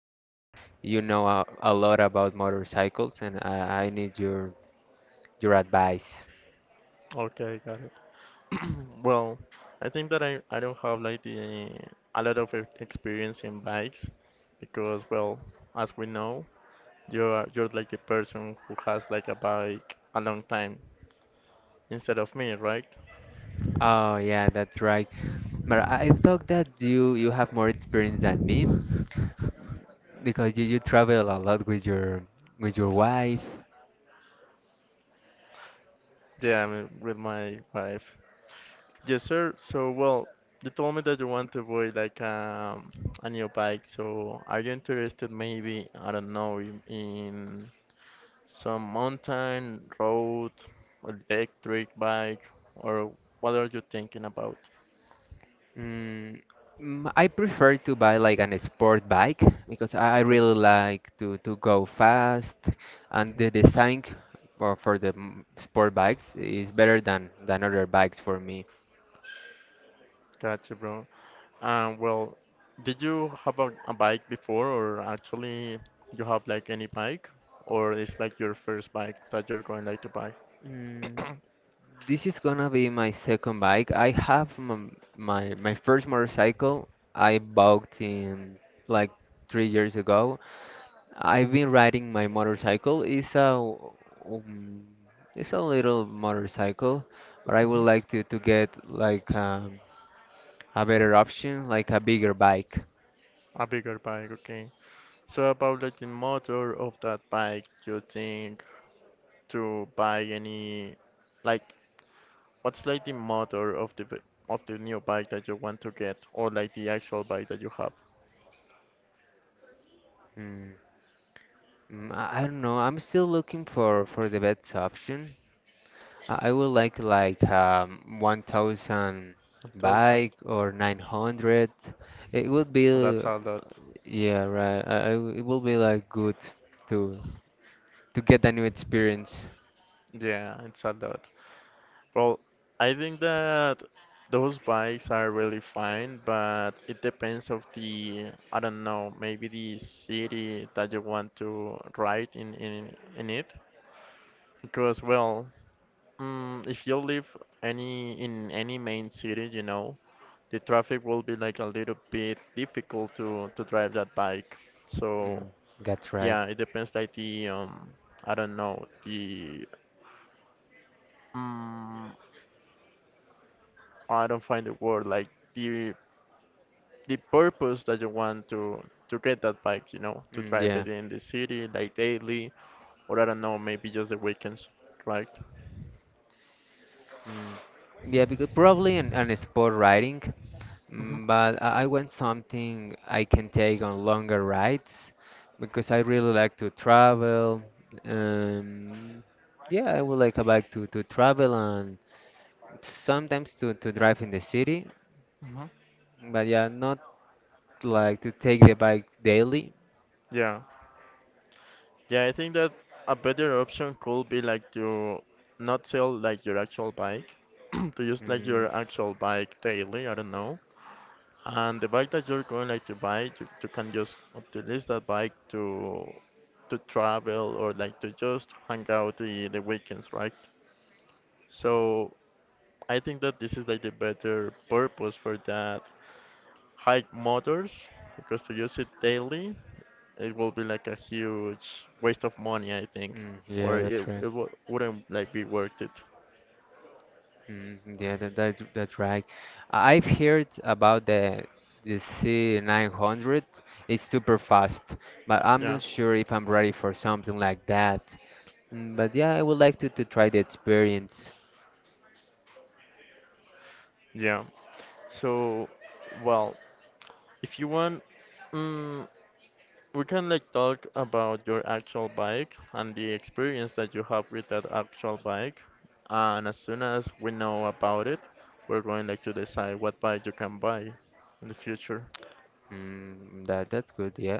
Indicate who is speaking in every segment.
Speaker 1: you know a lot about motorcycles, and I need your advice.
Speaker 2: Okay, got it. Well, I think that I don't have like the a lot of experience in bikes because, well, as we know, you're like the person who has like a bike a long time instead of me, right?
Speaker 1: Oh yeah, that's right. But I thought that you have more experience than me because you travel a lot with your wife.
Speaker 2: Yeah, I'm with my wife. Yes, sir. So, well, you told me that you want to avoid like a new bike. So, are you interested maybe, I don't know, in some mountain, road, electric bike, or what are you thinking about?
Speaker 1: Mm, I prefer to buy like an sport bike because I
Speaker 2: Okay,
Speaker 1: really like to go fast, and
Speaker 2: mhm.
Speaker 1: the design for, for the sport bikes is better than other bikes for me.
Speaker 2: Gotcha, bro. Well, did you have a bike before, or actually you have like any bike, or it's like your first bike that you're going like to buy?
Speaker 1: Mm, this is gonna be my second bike. I have m my my first motorcycle I bought in like 3 years ago. I've been riding my motorcycle. Um, it's a little motorcycle, but I would
Speaker 2: Mhm.
Speaker 1: like to get like a better option, like a bigger bike.
Speaker 2: A bigger bike, okay. So about like the motor of that bike, you think to buy any like what's like the motor of the of the new bike that you want to get or like the actual bike that you have?
Speaker 1: Mm, I don't know. I'm still looking for the best option. I would like 1000
Speaker 2: A thousand.
Speaker 1: bike or 900. It would be
Speaker 2: That's a lot.
Speaker 1: Yeah, right. It will be like good to get a new experience.
Speaker 2: Yeah, it's a lot. Well, I think that those bikes are really fine, but it depends of the I don't know, maybe the city that you want to ride in it. Because well, if you live any in any main city, you know, the traffic will be like a little bit difficult to drive that bike. So
Speaker 1: Mm, that's right.
Speaker 2: yeah, it depends like the I don't know the um I don't find the word like the the purpose that you want to get that bike, you know, to
Speaker 1: Mm,
Speaker 2: drive
Speaker 1: yeah,
Speaker 2: it in the city like daily or I don't know maybe just the weekends, right?
Speaker 1: mm. Yeah, because probably an sport riding,
Speaker 2: Hmm.
Speaker 1: but I want something I can take on longer rides because I really like to travel. Um, yeah, I would like a bike to, travel and sometimes to drive in the city,
Speaker 2: Hmm.
Speaker 1: but yeah, not like to take the bike daily.
Speaker 2: Yeah. Yeah, I think that a better option could be like to not sell like your actual bike, to use like
Speaker 1: Mm,
Speaker 2: your actual bike daily, I don't know. And the bike that you're going like to buy, you can just utilize that bike to travel or like to just hang out the weekends, right? So I think that this is like the better purpose for that hike motors because to use it daily it will be like a huge waste of money, I think,
Speaker 1: mm,
Speaker 2: or
Speaker 1: yeah,
Speaker 2: it
Speaker 1: that's right.
Speaker 2: it w wouldn't like be worth it.
Speaker 1: Mm, yeah, that that's right. I've heard about the C900. It's super fast, but I'm not
Speaker 2: Yeah,
Speaker 1: sure if I'm ready for something like that. Mm, but yeah, I would like to try the experience.
Speaker 2: yeah. So, well, if you want, mm, we can like talk about your actual bike and the experience that you have with that actual bike. And as soon as we know about it, we're going like to decide what bike you can buy in the future.
Speaker 1: Mm, that's good. Yeah.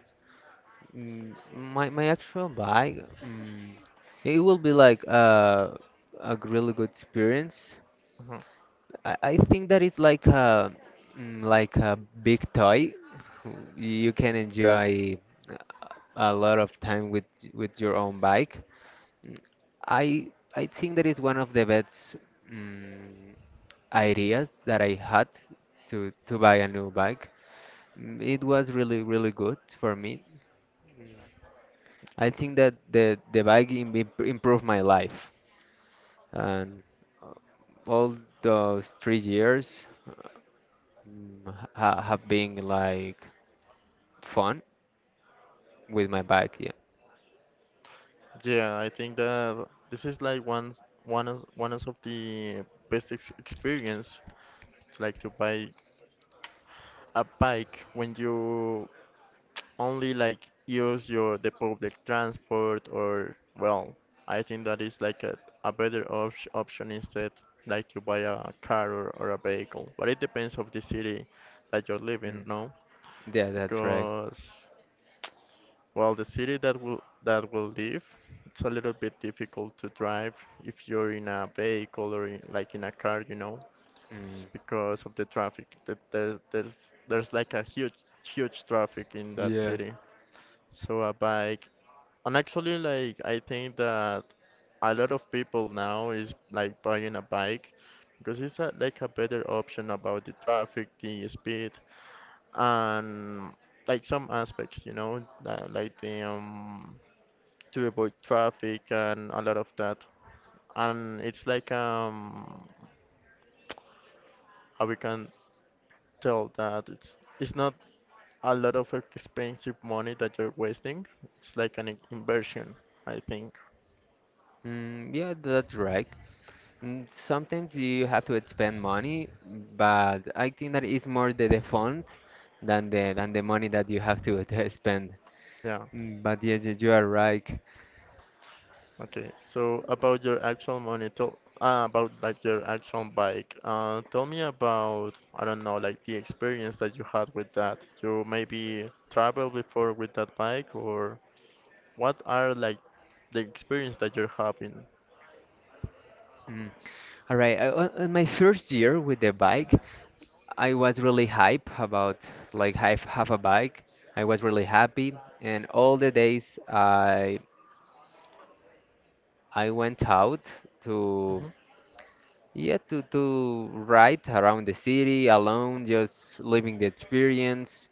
Speaker 1: Mm, my actual bike. Mm, it will be like a really good experience.
Speaker 2: Mhm.
Speaker 1: I think that is like a like a big toy. You can enjoy a lot of time with your own bike. I I think that is one of the best mm ideas that I had to buy a new bike. Mm, it was really really good for me. I think that the bike improved my life and uh, all those 3 years Mm, ha have been like fun with my bike. Yeah.
Speaker 2: Yeah, I think that this is like one of the best ex experience like to buy a bike when you only like use your the public transport or well, I think that is like a better op option instead like to buy a car or a vehicle. But it depends of the city that you're living,
Speaker 1: Mm,
Speaker 2: no?
Speaker 1: yeah, that's right.
Speaker 2: Because well, the city that will leave, it's a little bit difficult to drive if you're in a vehicle or in, like in a car, you know,
Speaker 1: Mm,
Speaker 2: because of the traffic. That there's like a huge traffic in that
Speaker 1: yeah.
Speaker 2: city. So a bike, and actually like I think that a lot of people now is like buying a bike because it's a, like a better option about the traffic, the speed, and like some aspects, you know, like the to avoid traffic and a lot of that. And it's like how we can tell that it's not a lot of expensive money that you're wasting. It's like an inversion, I think.
Speaker 1: Mm, yeah, that's right. Mm, sometimes you have to expend money, but I think that is more the fund than the money that you have to, to spend.
Speaker 2: Yeah.
Speaker 1: Mm, but yeah, you are right.
Speaker 2: Okay. So about your actual money, tell about like your actual bike. Tell me about I don't know like the experience that you had with that. You maybe traveled before with that bike, or what are like the experience that you're having?
Speaker 1: Mm. All right, on my first year with the bike, I was really hype about like I have a bike. I was really happy, and all the days I went out to to ride around the city alone, just living the experience,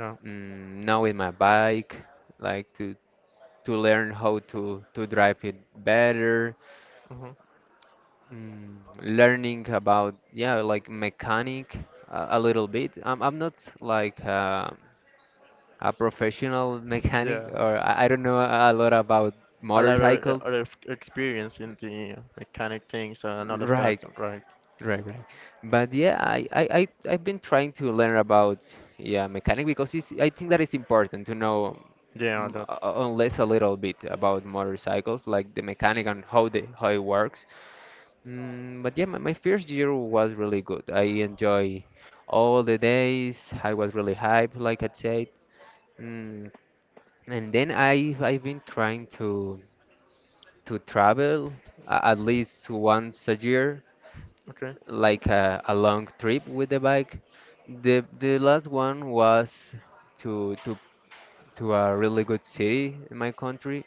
Speaker 2: Yeah.
Speaker 1: knowing my bike, like to learn how to drive it better,
Speaker 2: Hmm.
Speaker 1: learning about like mechanic a little bit. I'm not like. A professional mechanic
Speaker 2: Yeah.
Speaker 1: or I don't know a lot about
Speaker 2: A lot of
Speaker 1: motorcycles.
Speaker 2: other experience in the mechanic things and all of that,
Speaker 1: Right,
Speaker 2: right?
Speaker 1: right, right. But yeah, I've been trying to learn about mechanic because it's, I think that it's important to know
Speaker 2: Yeah, a lot.
Speaker 1: unless a little bit about motorcycles, like the mechanic and how the how it works. Mm, but yeah, my first year was really good. I enjoy all the days. I was really hyped, like I said. Mm, and then I've been trying to travel at least once a year,
Speaker 2: Okay.
Speaker 1: like a long trip with the bike. The last one was to to to a really good city in my country,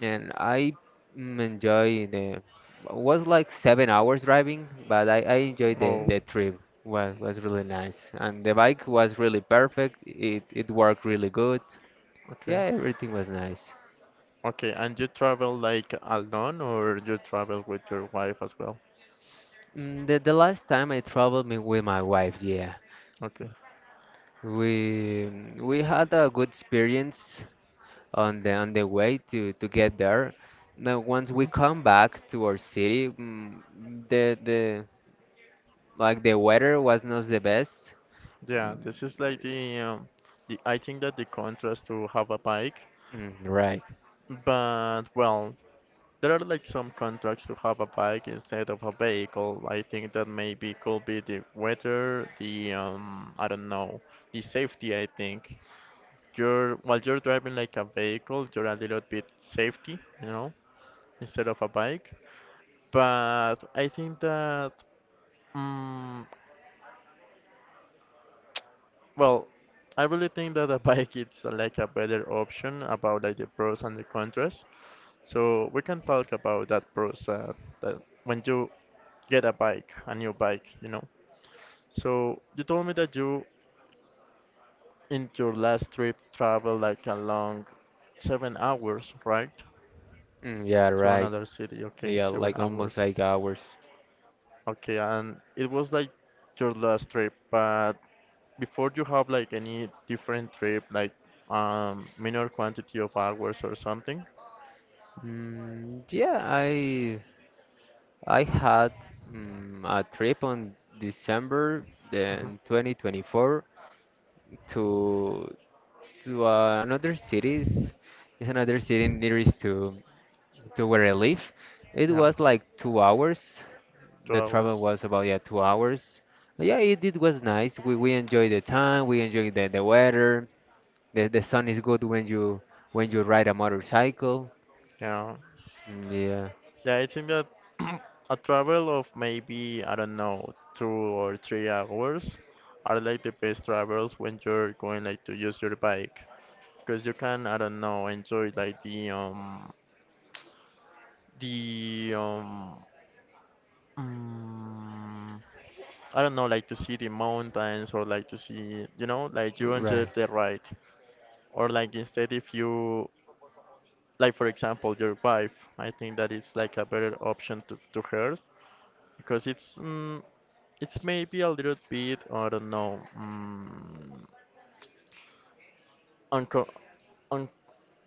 Speaker 1: and I enjoy the was like 7 hours driving, but I enjoyed
Speaker 2: Oh,
Speaker 1: the trip. Was really nice, and the bike was really perfect. It worked really good.
Speaker 2: okay.
Speaker 1: Yeah, everything was nice.
Speaker 2: Okay, and you travel like alone or you travel with your wife as well?
Speaker 1: Mm, the last time I traveled me with my wife, yeah.
Speaker 2: Okay.
Speaker 1: We had a good experience on the way to get there. Now once we
Speaker 2: Hmm.
Speaker 1: come back to our city, mm, the like the weather was not the best.
Speaker 2: Yeah, this is like the I think that the contrast to have a bike,
Speaker 1: Mm, right.
Speaker 2: but well, there are like some contracts to have a bike instead of a vehicle. I think that maybe could be the weather, the I don't know, the safety. I think you're while you're driving like a vehicle, you're a little bit safety, you know, instead of a bike. But I think that, um, well, I really think that a bike is like a better option about like the pros and the contras. So we can talk about that pros that when you get a bike, a new bike, you know. So you told me that you in your last trip traveled like a long 7 hours, right?
Speaker 1: Mm, yeah,
Speaker 2: To
Speaker 1: right.
Speaker 2: another city. Okay,
Speaker 1: Yeah,
Speaker 2: seven
Speaker 1: like almost
Speaker 2: hours.
Speaker 1: like hours.
Speaker 2: Okay, and it was like your last trip, but before you have like any different trip, like minor quantity of hours or something.
Speaker 1: Mm, yeah, I had a trip on December
Speaker 2: Hmm.
Speaker 1: then 2024 to another cities. It's another city nearest to where I live. It
Speaker 2: Yeah,
Speaker 1: was like 2 hours.
Speaker 2: two
Speaker 1: The travel
Speaker 2: hours.
Speaker 1: was about 2 hours. Yeah, it was nice. We enjoyed the time. We enjoyed the weather. The sun is good when you ride a motorcycle.
Speaker 2: Yeah.
Speaker 1: Mm, yeah,
Speaker 2: Yeah, I think that a travel of maybe, I don't know, 2 or 3 hours are like the best travels when you're going like to use your bike. Because you can, I don't know, enjoy like the, mm, I don't know, like to see the mountains or like to see, you know, like you enjoy
Speaker 1: right.
Speaker 2: the ride. Or like instead if you, like for example, your wife, I think that it's like a better option to her because it's it's maybe a little bit, I don't know, unco un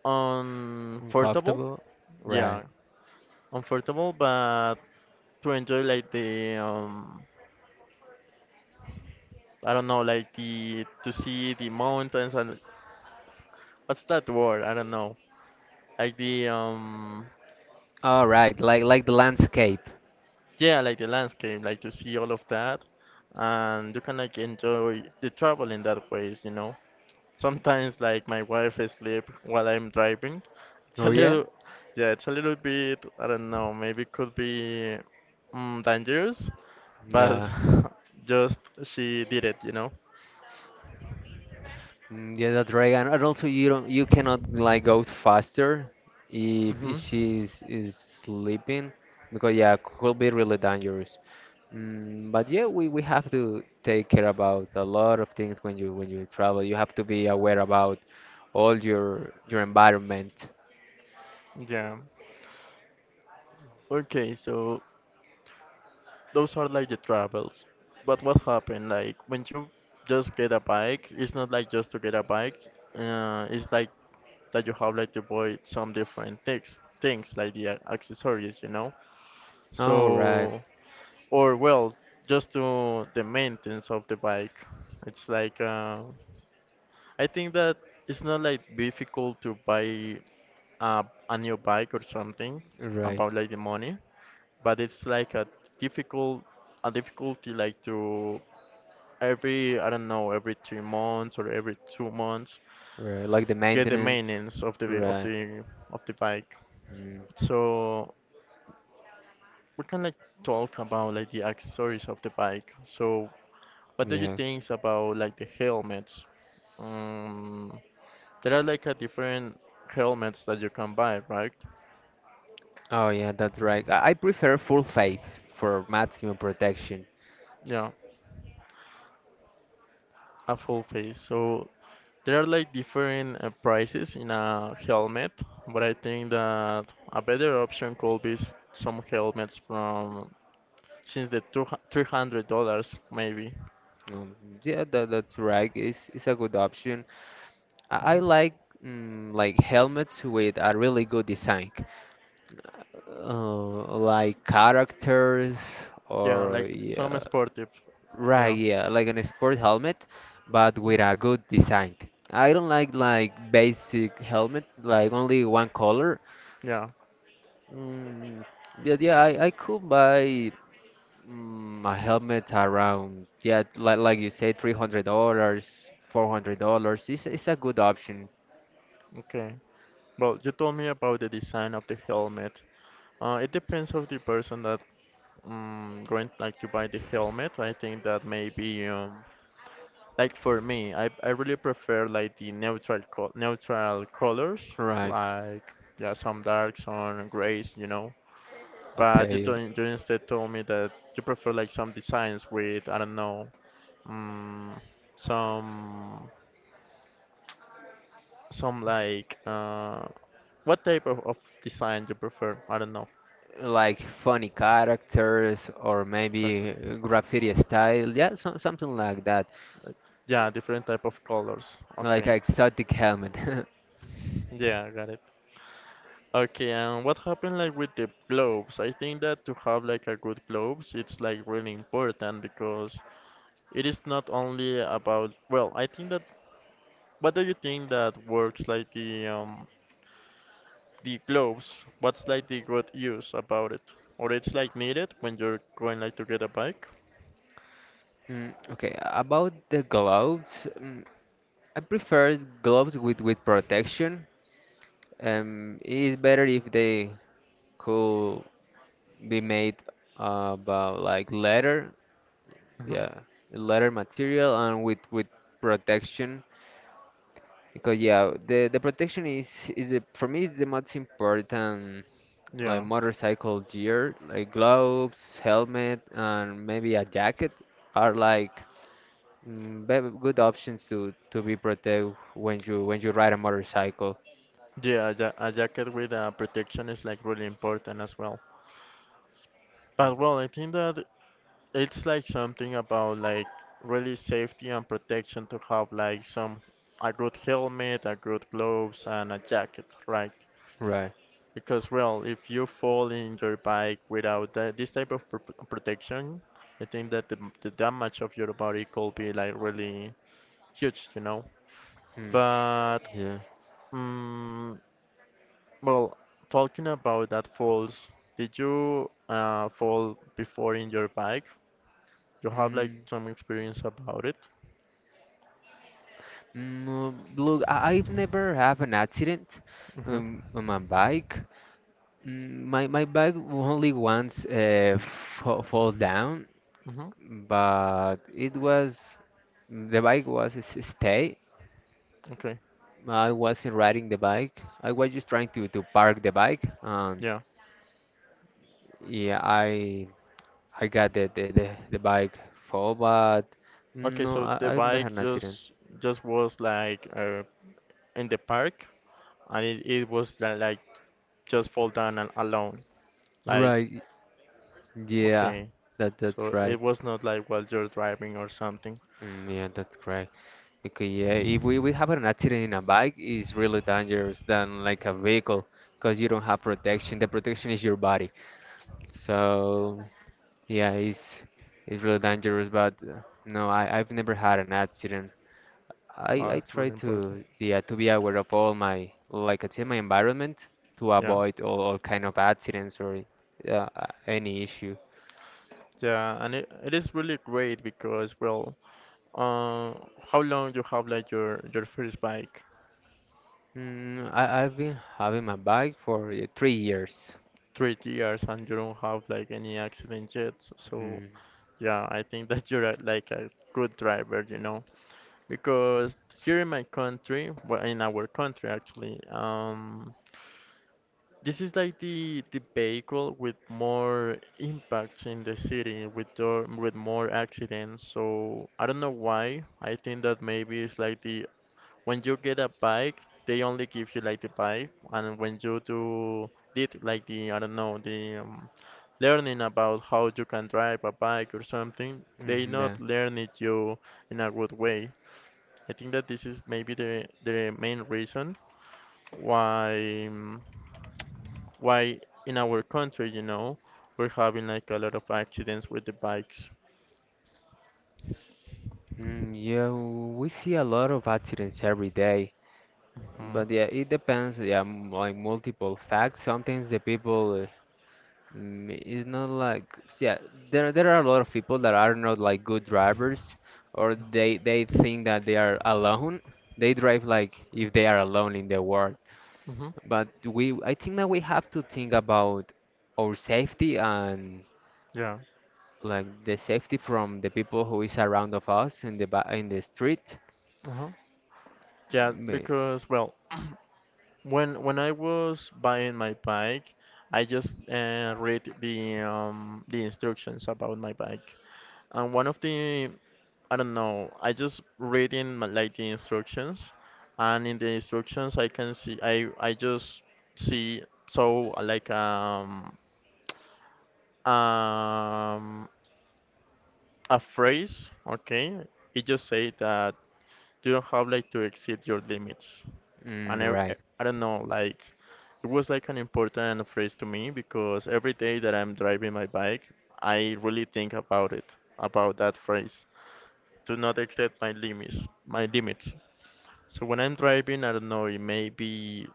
Speaker 2: uncomfortable.
Speaker 1: Uncomfortable. Right.
Speaker 2: Yeah, uncomfortable, but to enjoy like the I don't know, like the to see the mountains and what's that word? I don't know. Like the
Speaker 1: All right. Like the landscape.
Speaker 2: yeah, like the landscape, like to see all of that, and you can like enjoy the travel in that ways, you know. Sometimes like my wife sleep while I'm driving. It's a
Speaker 1: Oh yeah.
Speaker 2: little, yeah, it's a little bit, I don't know, maybe could be dangerous, but
Speaker 1: Yeah.
Speaker 2: just she did it, you know?
Speaker 1: Mm, yeah, that's right. And, also you don't you cannot like go faster if,
Speaker 2: Hmm.
Speaker 1: she is sleeping because yeah, could be really dangerous. Mm, but yeah, we have to take care about a lot of things when you travel. You have to be aware about all your environment.
Speaker 2: Yeah. Okay, so those are like the travels. But what happened? Like when you just get a bike, it's not like just to get a bike. It's like that you have like to buy some different things, things like the accessories, you know.
Speaker 1: Oh, right,
Speaker 2: So or well, just to the maintenance of the bike. It's like I think that it's not like difficult to buy a new bike or something
Speaker 1: right,
Speaker 2: about like the money, but it's like a difficult a difficulty like to every I don't know every 3 months or every 2 months
Speaker 1: right. Like the
Speaker 2: get the
Speaker 1: maintenance.
Speaker 2: maintenance of the of
Speaker 1: Right.
Speaker 2: the of the bike.
Speaker 1: Mm,
Speaker 2: So we can like talk about like the accessories of the bike. So what do you
Speaker 1: yeah.
Speaker 2: think about like the helmets? Um, there are like a different helmets that you can buy, right?
Speaker 1: Oh, yeah, that's right. I prefer full face for maximum protection.
Speaker 2: Yeah, a full face. So there are like different prices in a helmet, but I think that a better option could be some helmets from since the two three hundred dollars maybe.
Speaker 1: Um, yeah, that's right. It's a good option. I
Speaker 2: Mhm.
Speaker 1: like like helmets with a really good design. Like characters
Speaker 2: Yeah,
Speaker 1: or
Speaker 2: like some
Speaker 1: yeah,
Speaker 2: sportive.
Speaker 1: right,
Speaker 2: Yeah,
Speaker 1: yeah, like an sport helmet, but with a good design. I don't like basic helmets, like only one color.
Speaker 2: yeah.
Speaker 1: Mm, yeah, yeah, I could buy a helmet around, yeah, like you say, $300, $400. It's a good option,
Speaker 2: Okay. Well, you told me about the design of the helmet. It depends of the person that going like to buy the helmet, I think that maybe like for me, I really prefer like the neutral colors,
Speaker 1: right?
Speaker 2: like yeah, some dark, some grays, you know. But you
Speaker 1: Okay,
Speaker 2: don't, you instead told me that you prefer like some designs with I don't know, um, some some like what type of design you prefer? I don't know
Speaker 1: like funny characters or
Speaker 2: exactly.
Speaker 1: maybe graffiti style. Yeah, so, something like that.
Speaker 2: Like, yeah, different type of colors.
Speaker 1: Like
Speaker 2: Okay.
Speaker 1: exotic helmet.
Speaker 2: Yeah, got it. Okay, and what happened like with the globes? I think that to have like a good globes, it's like really important because it is not only about, well, I think that what do you think that works like the globes? What's like the good use about it? Or it's like needed when you're going like to get a bike?
Speaker 1: Mm, okay, about the gloves, I prefer gloves with protection. It's better if they could be made about like leather,
Speaker 2: Hmm.
Speaker 1: yeah, leather material and with protection because yeah, the protection is the, for me it's the most important like
Speaker 2: Yeah.
Speaker 1: motorcycle gear, like gloves, helmet, and maybe a jacket are like good options to be protect when you ride a motorcycle.
Speaker 2: Yeah, a a jacket with a protection is like really important as well.
Speaker 1: Mm,
Speaker 2: But well, I think that it's like something about like really safety and protection to have like some a good helmet, a good gloves, and a jacket, right?
Speaker 1: right.
Speaker 2: Because well, if you fall in your bike without that, this type of pr protection, I think that the damage of your body could be like really huge, you know.
Speaker 1: Mm,
Speaker 2: But
Speaker 1: yeah.
Speaker 2: mm well, talking about that falls, did you fall before in your bike? You have like
Speaker 1: Mm,
Speaker 2: some experience about it?
Speaker 1: Look, I've never have an accident on my bike. Mm, my bike only once fall down,
Speaker 2: Hmm.
Speaker 1: but it was the bike was s- stay
Speaker 2: Okay.
Speaker 1: I wasn't riding the bike. I was just trying to park the bike.
Speaker 2: Yeah.
Speaker 1: Yeah, I got the bike fall, but
Speaker 2: Okay,
Speaker 1: no,
Speaker 2: so the
Speaker 1: I never had
Speaker 2: bike
Speaker 1: an accident.
Speaker 2: just was in the park and it was like just fall down and alone. Like
Speaker 1: Right. Yeah,
Speaker 2: okay.
Speaker 1: that that's
Speaker 2: So it
Speaker 1: right.
Speaker 2: was not like while you're driving or something.
Speaker 1: Mm, yeah, that's correct. Because yeah, if we have an accident in a bike, it's really dangerous than like a vehicle because you don't have protection. The protection is your body. So yeah, it's really dangerous. But no, I've never had an accident.
Speaker 2: Oh,
Speaker 1: I
Speaker 2: that's
Speaker 1: try
Speaker 2: really important.
Speaker 1: to to be aware of all my like I say my environment to
Speaker 2: Yeah.
Speaker 1: avoid all kind of accidents or any issue.
Speaker 2: Yeah, and it is really great because well, uh, how long you have like your first bike?
Speaker 1: I I've been having my bike for 3 years.
Speaker 2: 3 years and you don't have like any accident yet. So
Speaker 1: Mm,
Speaker 2: yeah, I think that you're like a good driver, you know. Because here in my country, well, in our country actually, this is like the vehicle with more impacts in the city, with the, with more accidents. So I don't know why. I think that maybe it's like the when you get a bike, they only give you like the bike, and when you do did like the I don't know the learning about how you can drive a bike or something, they
Speaker 1: mm, yeah.
Speaker 2: not learn it you in a good way. I think that this is maybe the main reason why um, why in our country, you know, we're having like a lot of accidents with the bikes.
Speaker 1: Mm, yeah, we see a lot of accidents every day,
Speaker 2: Hmm.
Speaker 1: but yeah, it depends. Yeah, like multiple facts. Sometimes the people mm, it's not like yeah, there are a lot of people that are not like good drivers, or they think that they are alone. They drive like if they are alone in the world.
Speaker 2: Mm-hmm.
Speaker 1: But we I think that we have to think about our safety and
Speaker 2: Yeah.
Speaker 1: like the safety from the people who is around of us in the ba in the street.
Speaker 2: Uh-huh. Yeah,
Speaker 1: Ma-
Speaker 2: because well, when I was buying my bike, I just read the instructions about my bike, and one of the I don't know. I just read in my- like the instructions, and in the instructions I can see I just see so like um a phrase. Okay, it just say that you don't have like to exceed your limits,
Speaker 1: Mm,
Speaker 2: and I,
Speaker 1: right.
Speaker 2: I don't know like it was like an important phrase to me because every day that I'm driving my bike, I really think about it about that phrase do not exceed my limits. My limits. So when I'm driving, I don't know, it may be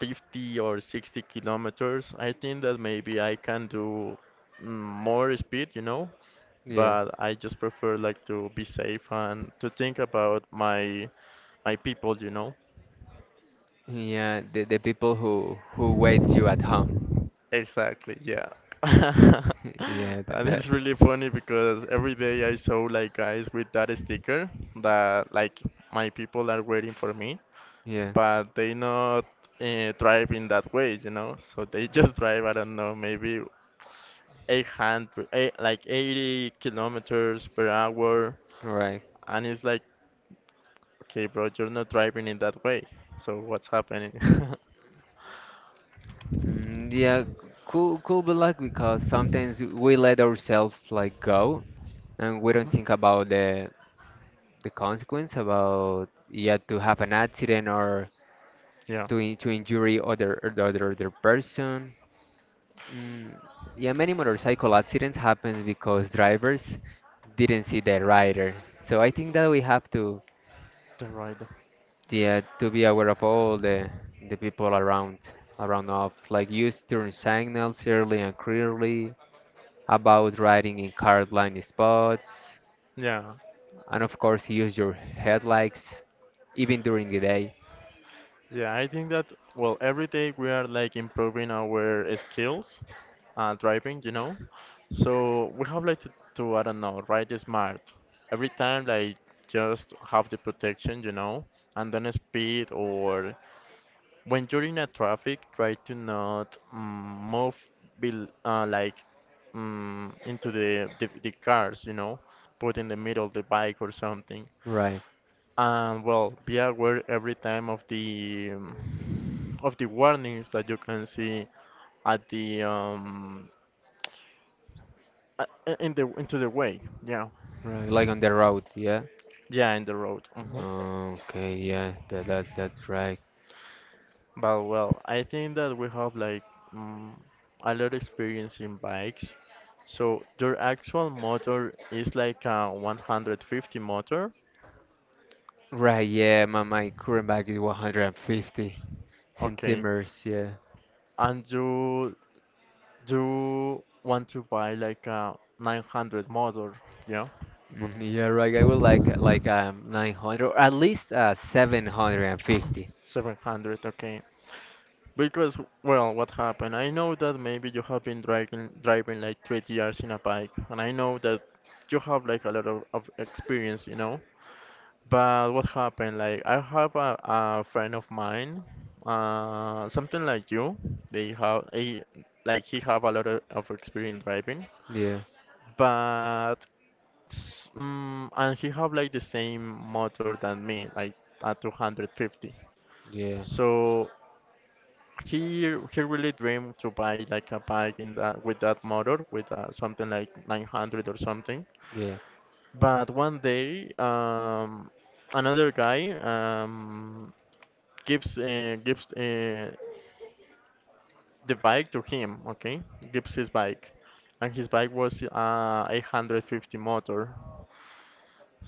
Speaker 2: 50 or 60 kilometers. I think that maybe I can do mm, more speed, you know,
Speaker 1: Yeah.
Speaker 2: but I just prefer like to be safe and to think about my my people, you know.
Speaker 1: Yeah, the people who waits you at home.
Speaker 2: Exactly, yeah.
Speaker 1: Yeah, that,
Speaker 2: And
Speaker 1: that
Speaker 2: it's really funny because every day I saw like guys with that sticker that like my people are waiting for me
Speaker 1: yeah.
Speaker 2: but they not drive in that way, you know. So they just drive, I don't know, maybe 800, eh, like 80 kilometers per hour,
Speaker 1: Right.
Speaker 2: and it's like, okay, bro, you're not driving in that way. So what's happening?
Speaker 1: Mm, yeah, cool, cool, but like because sometimes we let ourselves like go and we don't
Speaker 2: Mhm.
Speaker 1: think about the consequence about yeah to have an accident or
Speaker 2: Yeah,
Speaker 1: to to injury other person. Mm, yeah, many motorcycle accidents happen because drivers didn't see the rider. So I think that we have to
Speaker 2: the rider.
Speaker 1: yeah to be aware of all the people around of like use turn signals early and clearly about riding in car-blind spots,
Speaker 2: Yeah.
Speaker 1: and of course, use your headlights even during the day.
Speaker 2: Yeah, I think that, well, every day we are like improving our skills and driving, you know. So we have like to I don't know, ride smart. Every time, like, just have the protection, you know, and then speed or when you're in a traffic, try to not move bel like into the cars, you know, put in the middle the bike or something.
Speaker 1: Right,
Speaker 2: And well, be aware every time of the warnings that you can see at the in the into the way. Yeah,
Speaker 1: right, like on the road, yeah.
Speaker 2: yeah, in the road. Mhm.
Speaker 1: Okay, yeah, that, that that's right.
Speaker 2: But well, I think that we have like mm a lot of experience in bikes. So your actual motor is like a 150 motor,
Speaker 1: Right, yeah, my current bike is 150
Speaker 2: okay,
Speaker 1: centimeters, yeah.
Speaker 2: and you want to buy like a 900 motor, yeah,
Speaker 1: Mm, yeah, right. I would like 900 or at least 750.
Speaker 2: 700, okay. Because, well, what happened? I know that maybe you have been driving like 3 years in a bike, and I know that you have like a lot of experience, you know. But what happened? Like I have a friend of mine, something like you. They have a like he have a lot of experience driving,
Speaker 1: Yeah,
Speaker 2: but and he have like the same motor than me, like a 250.
Speaker 1: yeah,
Speaker 2: So he really dreamed to buy like a bike in that with that motor with something like 900 or something.
Speaker 1: yeah.
Speaker 2: But one day, another guy gives the bike to him. Okay, gives his bike, and his bike was 850 motor.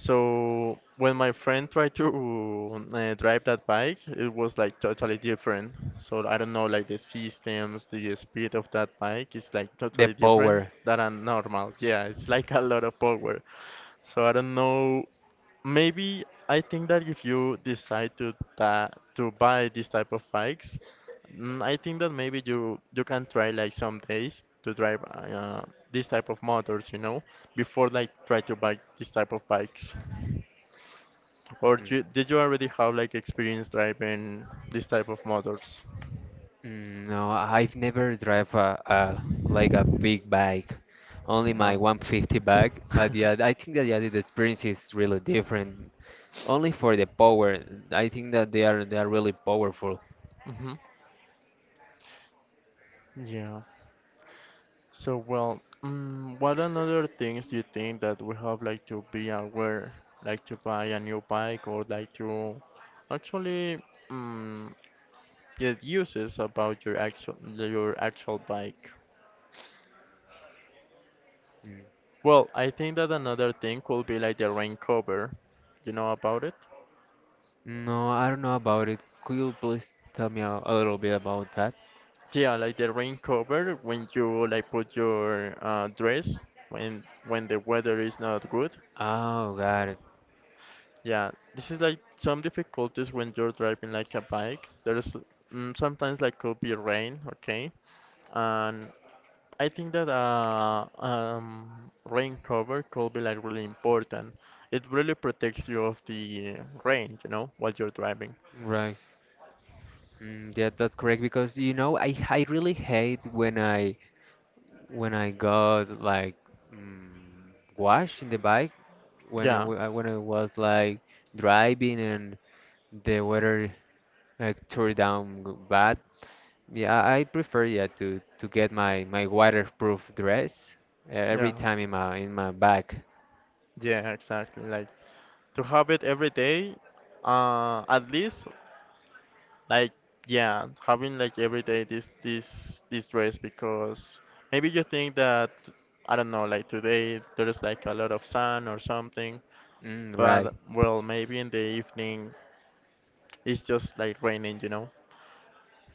Speaker 2: So when my friend tried to drive that bike, it was like totally different. So I don't know, like the systems, the speed of that bike is like
Speaker 1: The
Speaker 2: totally different
Speaker 1: power.
Speaker 2: than a normal. Yeah, it's like a lot of power. So I don't know. Maybe I think that if you decide to ta to buy this type of bikes, I think that maybe you can try like some days to drive this type of motors, you know, before like try to buy this type of bikes. Or
Speaker 1: Mm.
Speaker 2: you, did you already have like experience driving this type of motors?
Speaker 1: Mm, no, I've never drive a like a big bike, only my
Speaker 2: Yeah.
Speaker 1: 150 bike. But yeah, I think that yeah, the experience is really different. Only for the power, I think that they are really powerful.
Speaker 2: Hmm. Yeah. So well, what another things do you think that we have like to be aware, like to buy a new bike or like to actually mm, get uses about your actual bike?
Speaker 1: Mm.
Speaker 2: Well, I think that another thing could be like the rain cover. You know about it?
Speaker 1: No, I don't know about it. Could you please tell me a little bit about that?
Speaker 2: Yeah, like the rain cover when you like put your dress when the weather is not good.
Speaker 1: Oh, got it.
Speaker 2: Yeah, this is like some difficulties when you're driving like a bike. There's sometimes like could be rain, okay? And I think that rain cover could be like really important. It really protects you of the rain, you know, while you're driving.
Speaker 1: Right. Mm, yeah, that's correct because you know I really hate when I got like mm, wash in the bike when
Speaker 2: Yeah,
Speaker 1: when I was like driving and the weather like tore down bad. Yeah, I prefer to get my my waterproof dress every
Speaker 2: yeah,
Speaker 1: time in my bag.
Speaker 2: yeah, exactly. Like to have it every day, at least Like yeah, having like every day this dress because maybe you think that I don't know, like today there's like a lot of sun or something,
Speaker 1: Mm, right.
Speaker 2: but well, maybe in the evening it's just like raining, you know.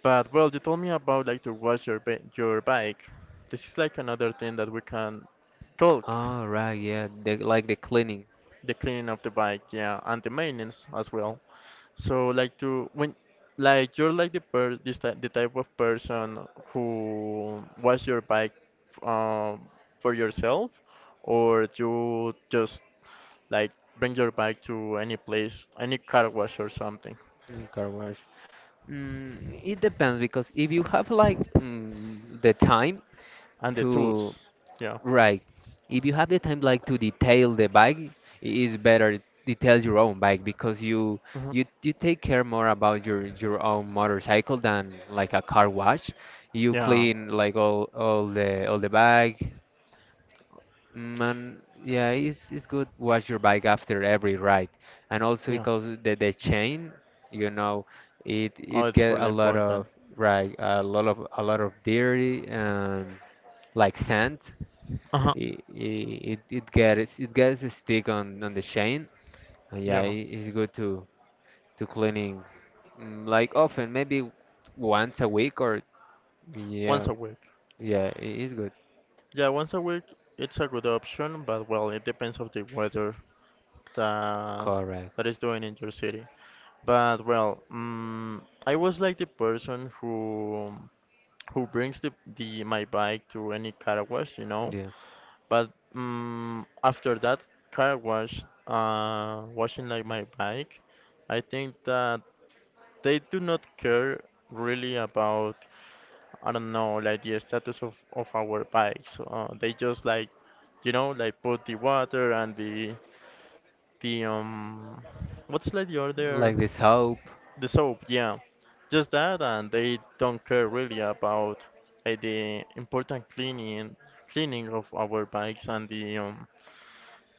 Speaker 2: But well, you told me about like to wash your bike. This is like another thing that we can talk,
Speaker 1: Oh, right. Yeah, the, like the cleaning
Speaker 2: the cleaning of the bike, yeah, and the maintenance as well. So like to when like you're like the type of person who was your bike um for yourself or you just like bring your bike to any place, any car wash or something.
Speaker 1: in car wash. Mm, it depends because if you have like the time
Speaker 2: And the
Speaker 1: to
Speaker 2: tools. Yeah.
Speaker 1: Right. If you have the time like to detail the bike, it's better detail your own bike because you
Speaker 2: Mhm.
Speaker 1: you you take care more about your own motorcycle than like a car wash. You
Speaker 2: Yeah.
Speaker 1: clean like all the all the bike. Mm, and yeah, it's good wash your bike after every ride. And also
Speaker 2: Yeah.
Speaker 1: because the chain, you know,
Speaker 2: Oh,
Speaker 1: it
Speaker 2: it's
Speaker 1: get
Speaker 2: really
Speaker 1: a lot
Speaker 2: important.
Speaker 1: of right a lot of dirty and like sand
Speaker 2: Uh-huh.
Speaker 1: it gets a stick on the chain. And yeah,
Speaker 2: Yeah.
Speaker 1: it's good to cleaning like often, maybe once a week or
Speaker 2: Once
Speaker 1: yeah,
Speaker 2: a week.
Speaker 1: yeah, it is good.
Speaker 2: Yeah, once a week it's a good option, but well, it depends of the weather that
Speaker 1: Correct.
Speaker 2: that is doing in your city. But well, I was like the person who brings the my bike to any car wash, you know.
Speaker 1: Yeah,
Speaker 2: But after that car wash, washing like my bike, I think that they do not care really about I don't know like the status of our bikes. They just like you know like put the water and the the um what's like the other
Speaker 1: like the soap.
Speaker 2: The soap, yeah. Just that, and they don't care really about the important cleaning of our bikes and the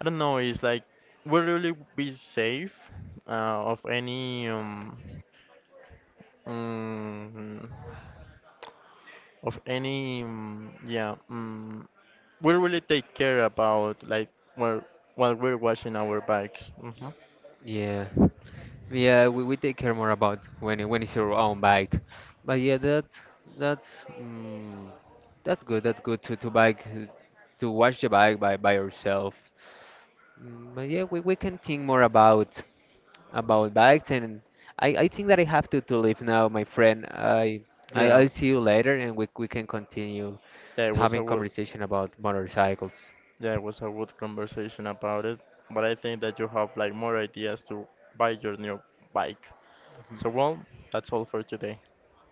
Speaker 2: I don't know. It's like we really be safe uh, of any um, mm, of any yeah. We really take care about like while while we're washing our bikes. Hmm.
Speaker 1: Yeah, yeah, we take care more about when when it's your own bike. But yeah, that's mm, that's good. That's good to bike to wash the bike by yourself. Mm, but yeah, we can think more about bikes, and I think that I have to leave now, my friend.
Speaker 2: Yeah,
Speaker 1: I'll see you later, and we can continue
Speaker 2: yeah. It was a
Speaker 1: having
Speaker 2: good.
Speaker 1: conversation about motorcycles.
Speaker 2: Yeah, it was a good conversation about it, but I think that you have like more ideas to buy your new bike. So well, that's all for today.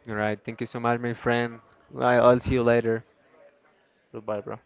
Speaker 1: All right, thank you so much, my friend. I'll see you later.
Speaker 2: Goodbye, bro.